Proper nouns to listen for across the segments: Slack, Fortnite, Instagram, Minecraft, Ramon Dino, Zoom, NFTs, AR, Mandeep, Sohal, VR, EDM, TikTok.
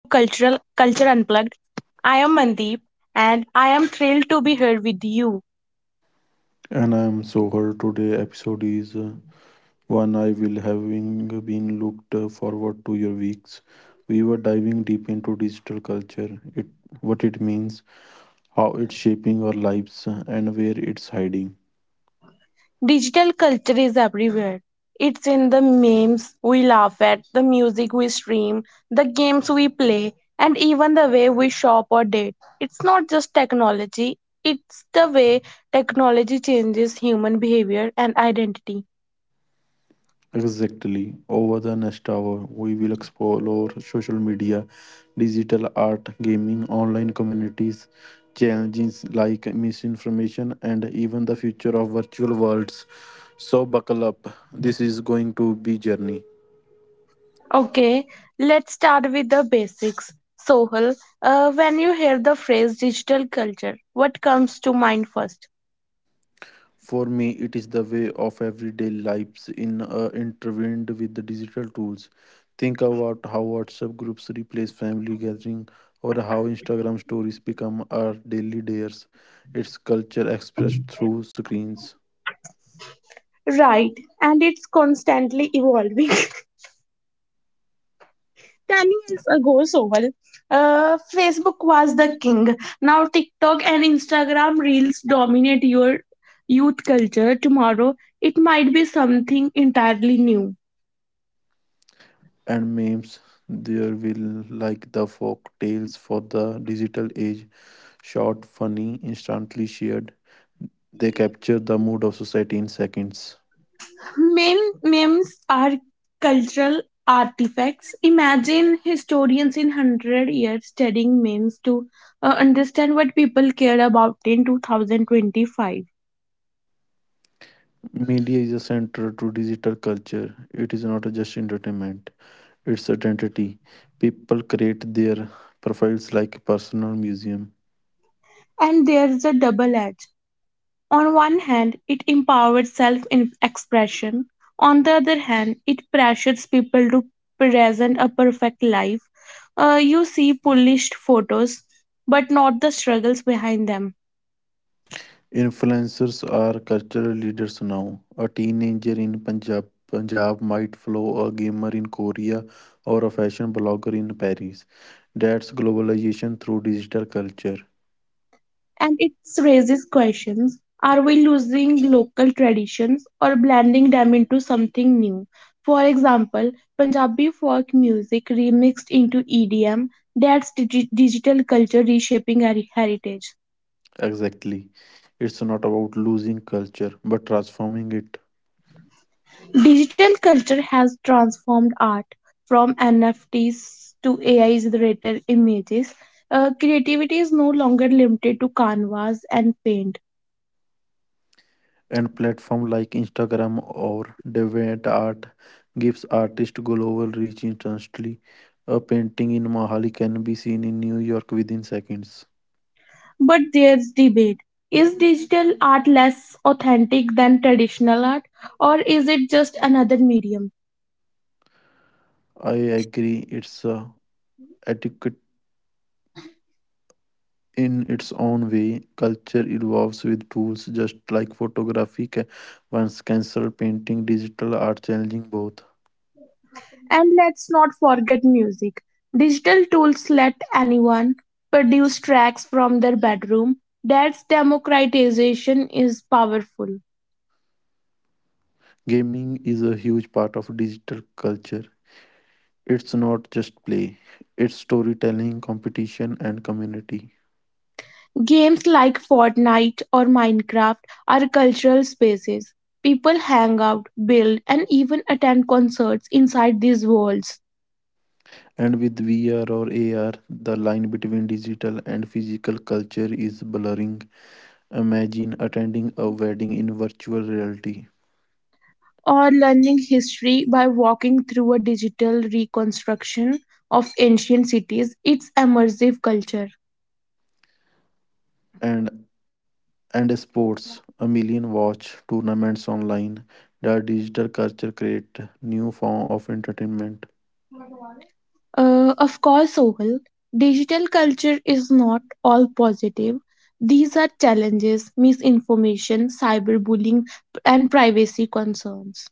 Culture Unplugged. I am Mandeep and I am thrilled to be here with you. And I'm so her today episode is One I will having been looked forward to your weeks. We were diving deep into digital culture, it what it means, how it's shaping our lives, and where it's hiding. Digital culture is everywhere. It's in the memes we laugh at, the music we stream, the games we play, and even the way we shop or date. It's not just technology, it's the way technology changes human behavior and identity. Exactly. Over the next hour, we will explore social media, digital art, gaming, online communities, challenges like misinformation, and even the future of virtual worlds. So buckle up. This is going to be journey. Okay, let's start with the basics. Sohal, when you hear the phrase digital culture, what comes to mind first? For me, it is the way of everyday lives in intertwined with the digital tools. Think about how WhatsApp groups replace family gathering or how Instagram stories become our daily dares. Its culture expressed through screens Right, and it's constantly evolving. 10 years ago, Sohal, Facebook was the king. Now TikTok and Instagram reels dominate your youth culture. Tomorrow, it might be something entirely new. and memes. There will like the folk tales for the digital age, short, funny, instantly shared. They capture the mood of society in seconds. Memes are cultural artifacts. Imagine historians in 100 years studying memes to understand what people care about in 2025. Media is a center to digital culture. It is not just entertainment, it's identity. People create their profiles like a personal museum. And there is a double edge. On one hand, it empowers self expression. On the other hand, it pressures people to present a perfect life. You see polished photos, but not the struggles behind them, Influencers are cultural leaders now. A teenager in Punjab might follow a gamer in Korea or a fashion blogger in Paris. That's globalization through digital culture. and it raises questions. Are we losing local traditions or blending them into something new? For example, Punjabi folk music remixed into EDM, that's digital culture reshaping our heritage. Exactly. It's not about losing culture, but transforming it. Digital culture has transformed art from NFTs to AI generated images. Creativity is no longer limited to canvas and paint. And platform like Instagram or DeviantArt gives artists global reach instantly. A painting in Mahali can be seen in New York within seconds. But there's debate. Is digital art less authentic than traditional art, or is it just another medium? I agree, it's adequate in its own way. Culture evolves with tools just like once cancelled painting, digital art challenging both. And let's not forget music. Digital tools let anyone produce tracks from their bedroom. That's democratization is powerful. Gaming is a huge part of digital culture. It's not just play, it's storytelling, competition, and community. Games like Fortnite or Minecraft are cultural spaces. People hang out, build, and even attend concerts inside these worlds. And with VR or AR, the line between digital and physical culture is blurring. Imagine attending a wedding in virtual reality Or learning history by walking through a digital reconstruction of ancient cities, it's immersive culture. and and sports, a million watch tournaments online. The digital culture create new form of entertainment Of course, Sohal, digital culture is not all positive. These are challenges: misinformation, cyberbullying, and privacy concerns.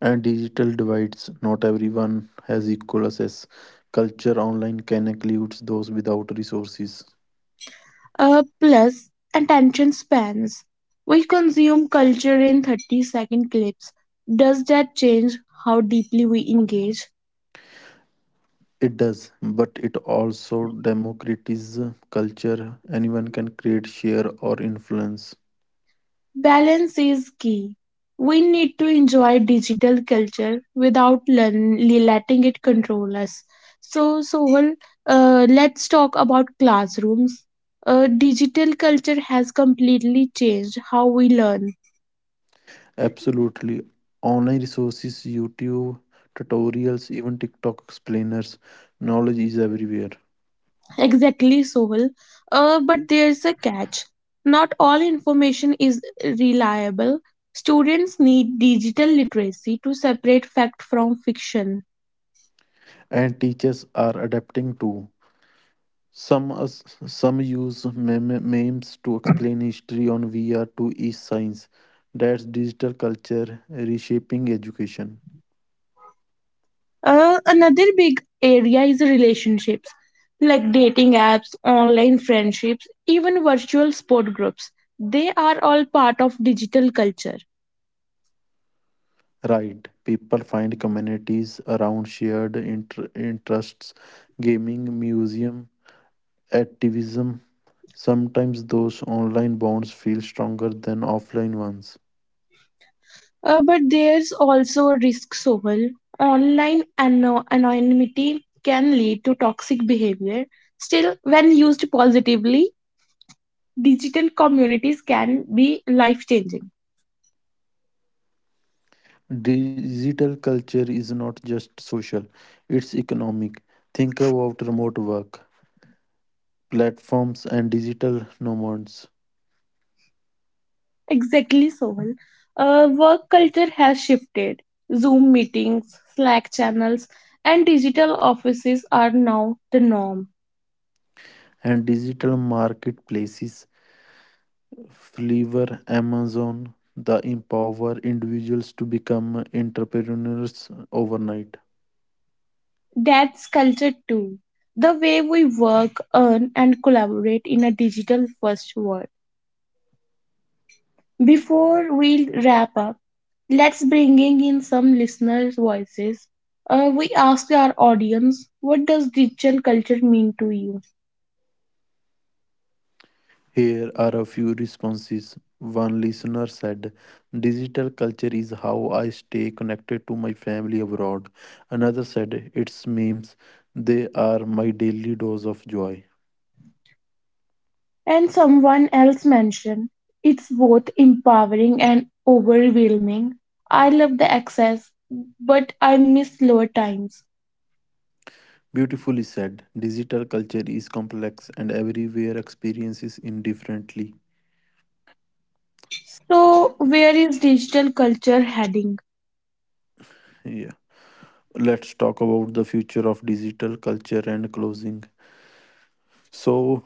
and digital divides. Not everyone has equal access. Culture online can include those without resources. Plus, attention spans. We consume culture in 30-second clips. Does that change how deeply we engage? It does, but it also democratizes culture. Anyone can create, share, or influence. Balance is key. We need to enjoy digital culture without letting it control us. So, Sohal, let's talk about classrooms. Digital culture has completely changed how we learn. Absolutely. Online resources, YouTube, tutorials, even TikTok explainers, knowledge is everywhere. Exactly, Sohal. But there's a catch. Not all information is reliable. Students need digital literacy to separate fact from fiction. And teachers are adapting too. Some us, some use meme- memes to explain history on VR to e science. That's digital culture reshaping education. Another big area is relationships, like dating apps, online friendships, even virtual sport groups. They are all part of digital culture. Right. People find communities around shared interests, gaming, museum, activism. Sometimes those online bonds feel stronger than offline ones. But there's also a risk, Sohal. Online anonymity can lead to toxic behavior. Still, when used positively, digital communities can be life changing. Digital culture is not just social, it's economic. Think about remote work, platforms, and digital nomads, Exactly, Soul. Work culture has shifted. Zoom meetings, Slack channels, and digital offices are now the norm. and digital marketplaces. Flavor Amazon the empower individuals to become entrepreneurs overnight. That's culture too. The way we work, earn, and collaborate in a digital first world. Before we wrap up, let's bringing in some listeners' voices. We asked our audience, what does digital culture mean to you? Here are a few responses. One listener said, "Digital culture is how I stay connected to my family abroad." Another said, "It's memes. They are my daily dose of joy." And someone else mentioned it's both empowering and overwhelming. I love the access, but I miss slower times. Beautifully said, digital culture is complex and everywhere experiences indifferently. So, where is digital culture heading? Yeah. Let's talk about the future of digital culture and closing. So,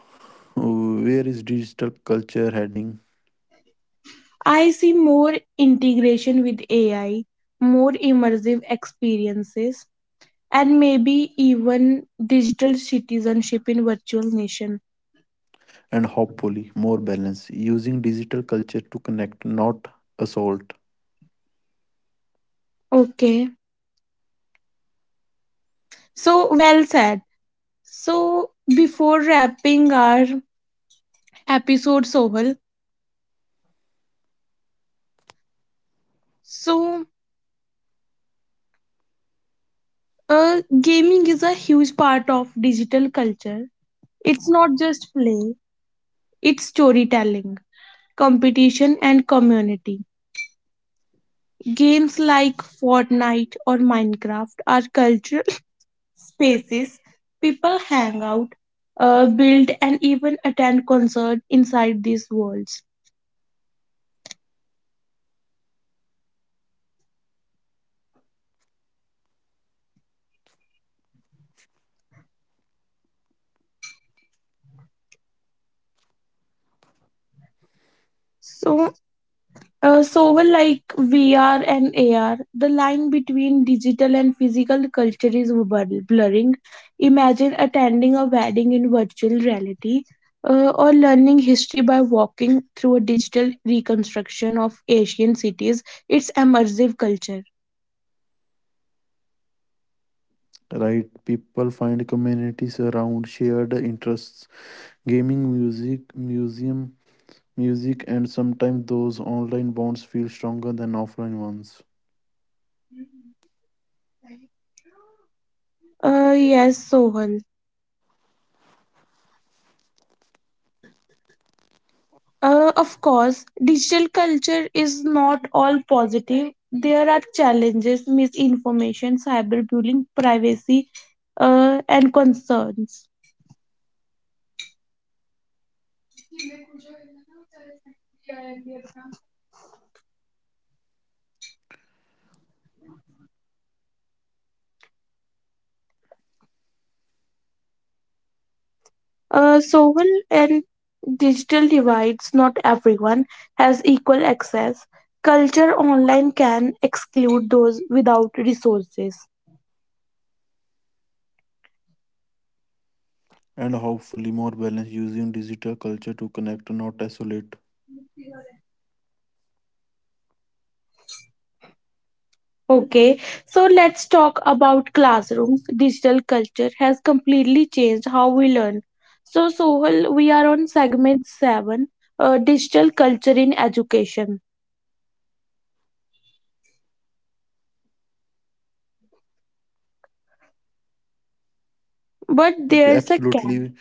where is digital culture heading? I see more integration with AI, more immersive experiences, and maybe even digital citizenship in virtual nation. And hopefully, more balance using digital culture to connect, not assault. Okay, so well said. So, before wrapping our episode, Sohal, so gaming is a huge part of digital culture. It's not just play, it's storytelling, competition, and community. Games like Fortnite or Minecraft are cultural spaces. People hang out, build, and even attend concerts inside these worlds. So, like VR and AR, the line between digital and physical culture is blurring. Imagine attending a wedding in virtual reality, or learning history by walking through a digital reconstruction of Asian cities. It's immersive culture. Right? People find communities around shared interests, gaming, music, museum, music, and sometimes those online bonds feel stronger than offline ones. Yes, Sohan. Of course, digital culture is not all positive. There are challenges: misinformation, cyberbullying, privacy, and concerns. And digital divides, not everyone has equal access. Culture online can exclude those without resources. And hopefully, more balance using digital culture to connect, not isolate. Okay, so let's talk about classrooms. Digital culture has completely changed how we learn. So, Sohal, we are on segment 7, digital culture in education. But Okay, there's a catch. absolutely.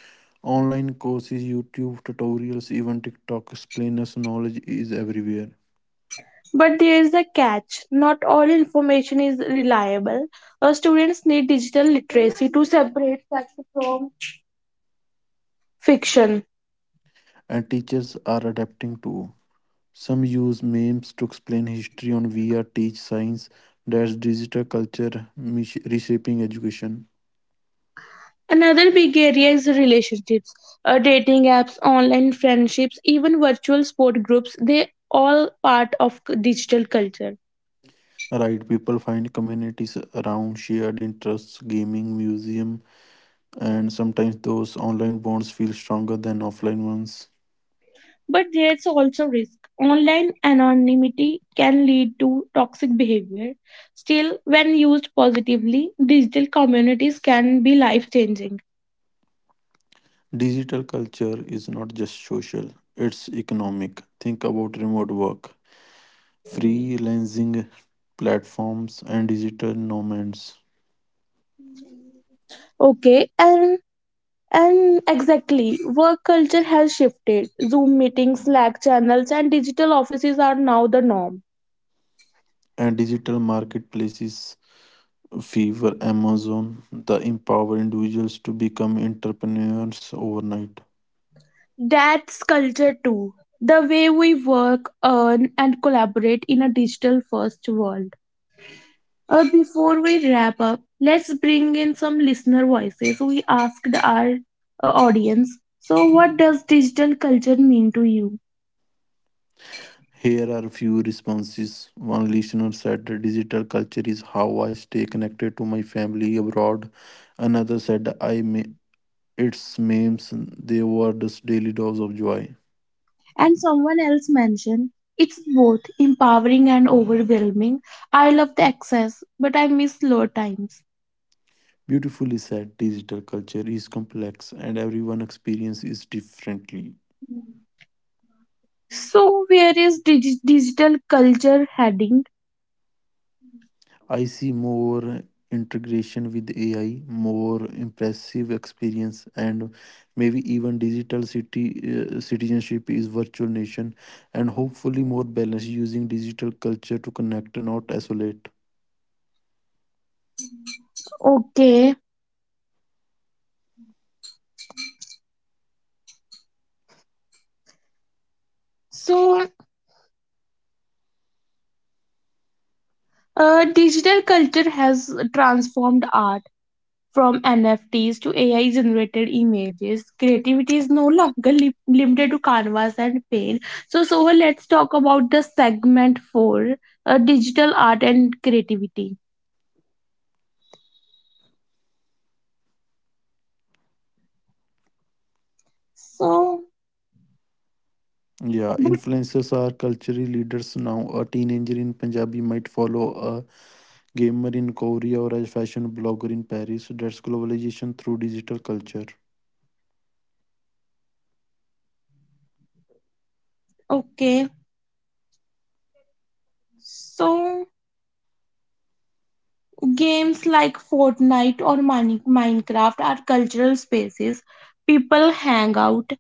Online courses, YouTube tutorials, even TikTok explainers, knowledge is everywhere. But there's a catch. Not all information is reliable. Students need digital literacy to separate fact from fiction. And teachers are adapting too. Some use memes to explain history on VR, teach science, that's digital culture, reshaping education. Another big area is relationships. Dating apps, online friendships, even virtual sport groups, they all part of digital culture. Right, people find communities around shared interests, gaming, museum, and sometimes those online bonds feel stronger than offline ones. But there's also risk. Online anonymity can lead to toxic behavior. Still, when used positively, digital communities can be life changing. Digital culture is not just social, it's economic. Think about remote work, freelancing platforms, and digital nomads, Okay, and exactly, work culture has shifted. Zoom meetings, Slack channels, and digital offices are now the norm. and digital marketplaces. Fever, Amazon, that empower individuals to become entrepreneurs overnight. That's culture too. The way we work, earn, and collaborate in a digital first world. Before we wrap up, let's bring in some listener voices. We asked our audience, so what does digital culture mean to you? Here are a few responses. One listener said, "Digital culture is how I stay connected to my family abroad." Another said, "I may, it's memes, they were just daily dose of joy." And someone else mentioned, it's both empowering and overwhelming. I love the access, but I miss slow times. Beautifully said, digital culture is complex and everyone experience is differently. So, where is digital culture heading? I see more integration with AI, more impressive experience, and maybe even digital city citizenship is virtual nation, and hopefully more balance using digital culture to connect, not isolate. Okay, so digital culture has transformed art from NFTs to AI generated images. Creativity is no longer limited to canvas and paint. So, let's talk about the segment for digital art and creativity. So, Yeah, but influencers are cultural leaders now. A teenager in Punjabi might follow a gamer in Korea or as fashion blogger in Paris. That's globalization through digital culture. okay. So, games like Fortnite or Minecraft are cultural spaces. People hang out,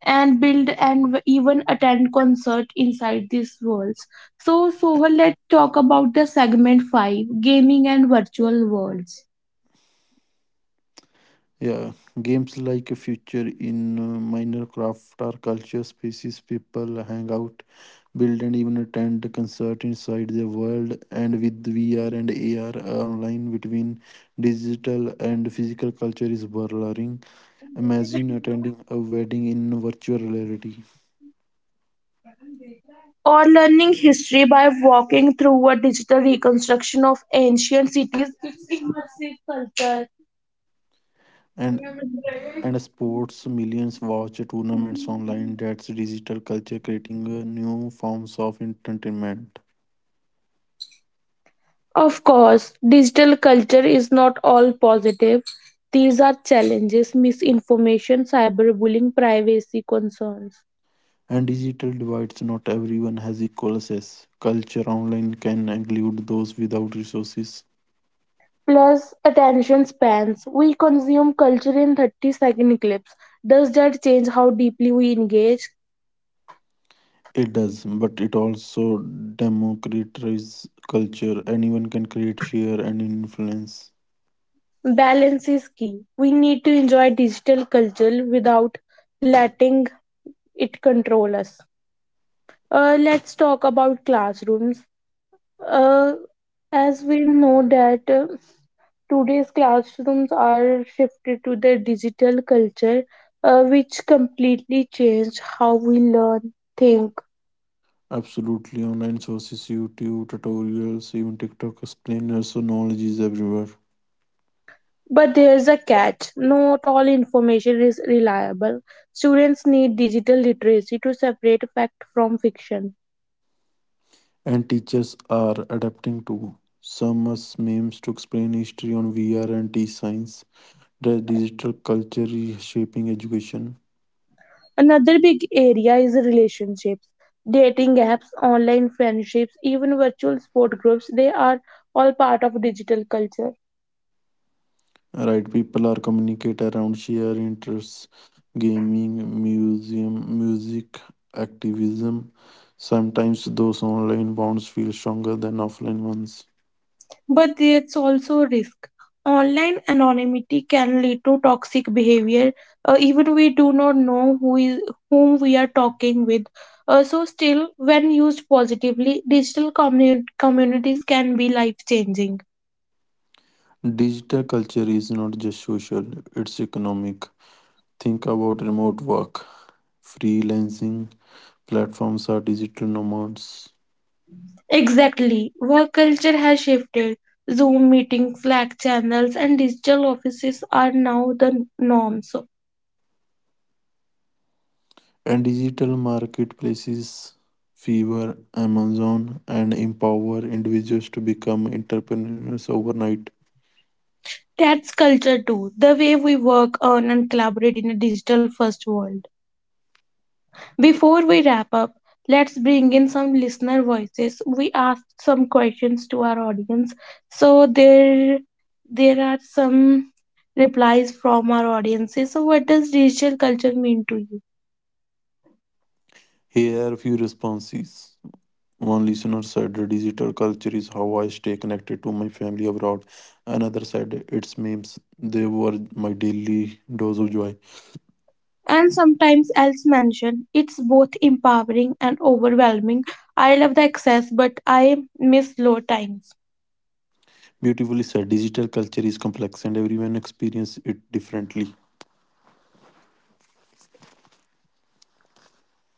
and build and even attend concert inside these worlds. So, Sohal, let's talk about the segment 5 gaming and virtual worlds. Yeah, games like Future in Minecraft are culture spaces people hang out, build, and even attend concert inside the world. And with VR and AR online, between digital and physical culture is blurring. Imagine attending a wedding in virtual reality Or learning history by walking through a digital reconstruction of ancient cities, it's immersive culture. and and sports millions watch tournaments online. That's digital culture creating new forms of entertainment Of course, digital culture is not all positive. These are challenges: misinformation, cyberbullying, privacy concerns. and digital divides, not everyone has equal access. Culture online can include those without resources. Plus attention spans. We consume culture in 30-second clips. Does that change how deeply we engage? It does, but it also democratizes culture. Anyone can create, share, and influence. Balance is key. We need to enjoy digital culture without letting it control us. Let's talk about classrooms. Uh, as we know that today's classrooms are shifted to the digital culture, which completely changed how we learn, think. Absolutely. Online sources, YouTube tutorials, even TikTok explainers, so knowledge is everywhere. But there's a catch. Not all information is reliable. Students need digital literacy to separate fact from fiction. And teachers are adapting too. Some use memes to explain history on VR and teach science. The digital culture is shaping education. Another big area is relationships. Dating apps, online friendships, even virtual sport groups, they are all part of digital culture. Right, people are communicate around shared interests, gaming, museum, music, activism. Sometimes those online bonds feel stronger than offline ones. But there's also risk. Online anonymity can lead to toxic behavior, even we do not know who is whom we are talking with. Still, when used positively, digital communities can be life changing. Digital culture is not just social, it's economic. Think about remote work, freelancing, platforms are digital nomads Exactly, work culture has shifted. Zoom meetings, Slack channels, and digital offices are now the norm. So and digital marketplaces. Fever, Amazon, and empower individuals to become entrepreneurs overnight. that's culture too. The way we work, earn, and collaborate in a digital first world. Before we wrap up, let's bring in some listener voices. We asked some questions to our audience. So there are some replies from our audiences. So what does digital culture mean to you? Here are a few responses. One listener said, "The Digital culture is how I stay connected to my family abroad." Another said, "It's memes. They were my daily dose of joy." And sometimes else mentioned it's both empowering and overwhelming. I love the access, but I miss low times. Beautifully said, digital culture is complex and everyone experiences it differently.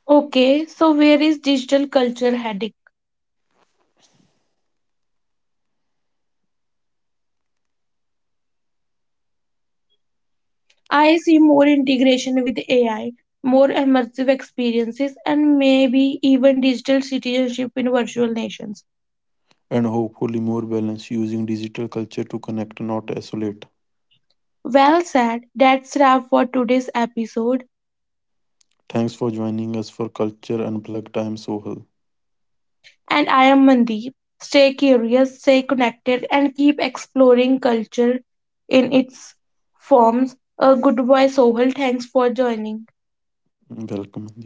Okay, so where is digital culture heading? I see more integration with AI, more immersive experiences, and maybe even digital citizenship in virtual nations. And hopefully more balance using digital culture to connect, not isolate. Well said. That's wrap for today's episode. Thanks for joining us for Culture Unplugged. I am Sohal. And I am Mandeep. Stay curious, stay connected, and keep exploring culture in its forms. A good boy, Sohal. Thanks for joining. Welcome, Deep.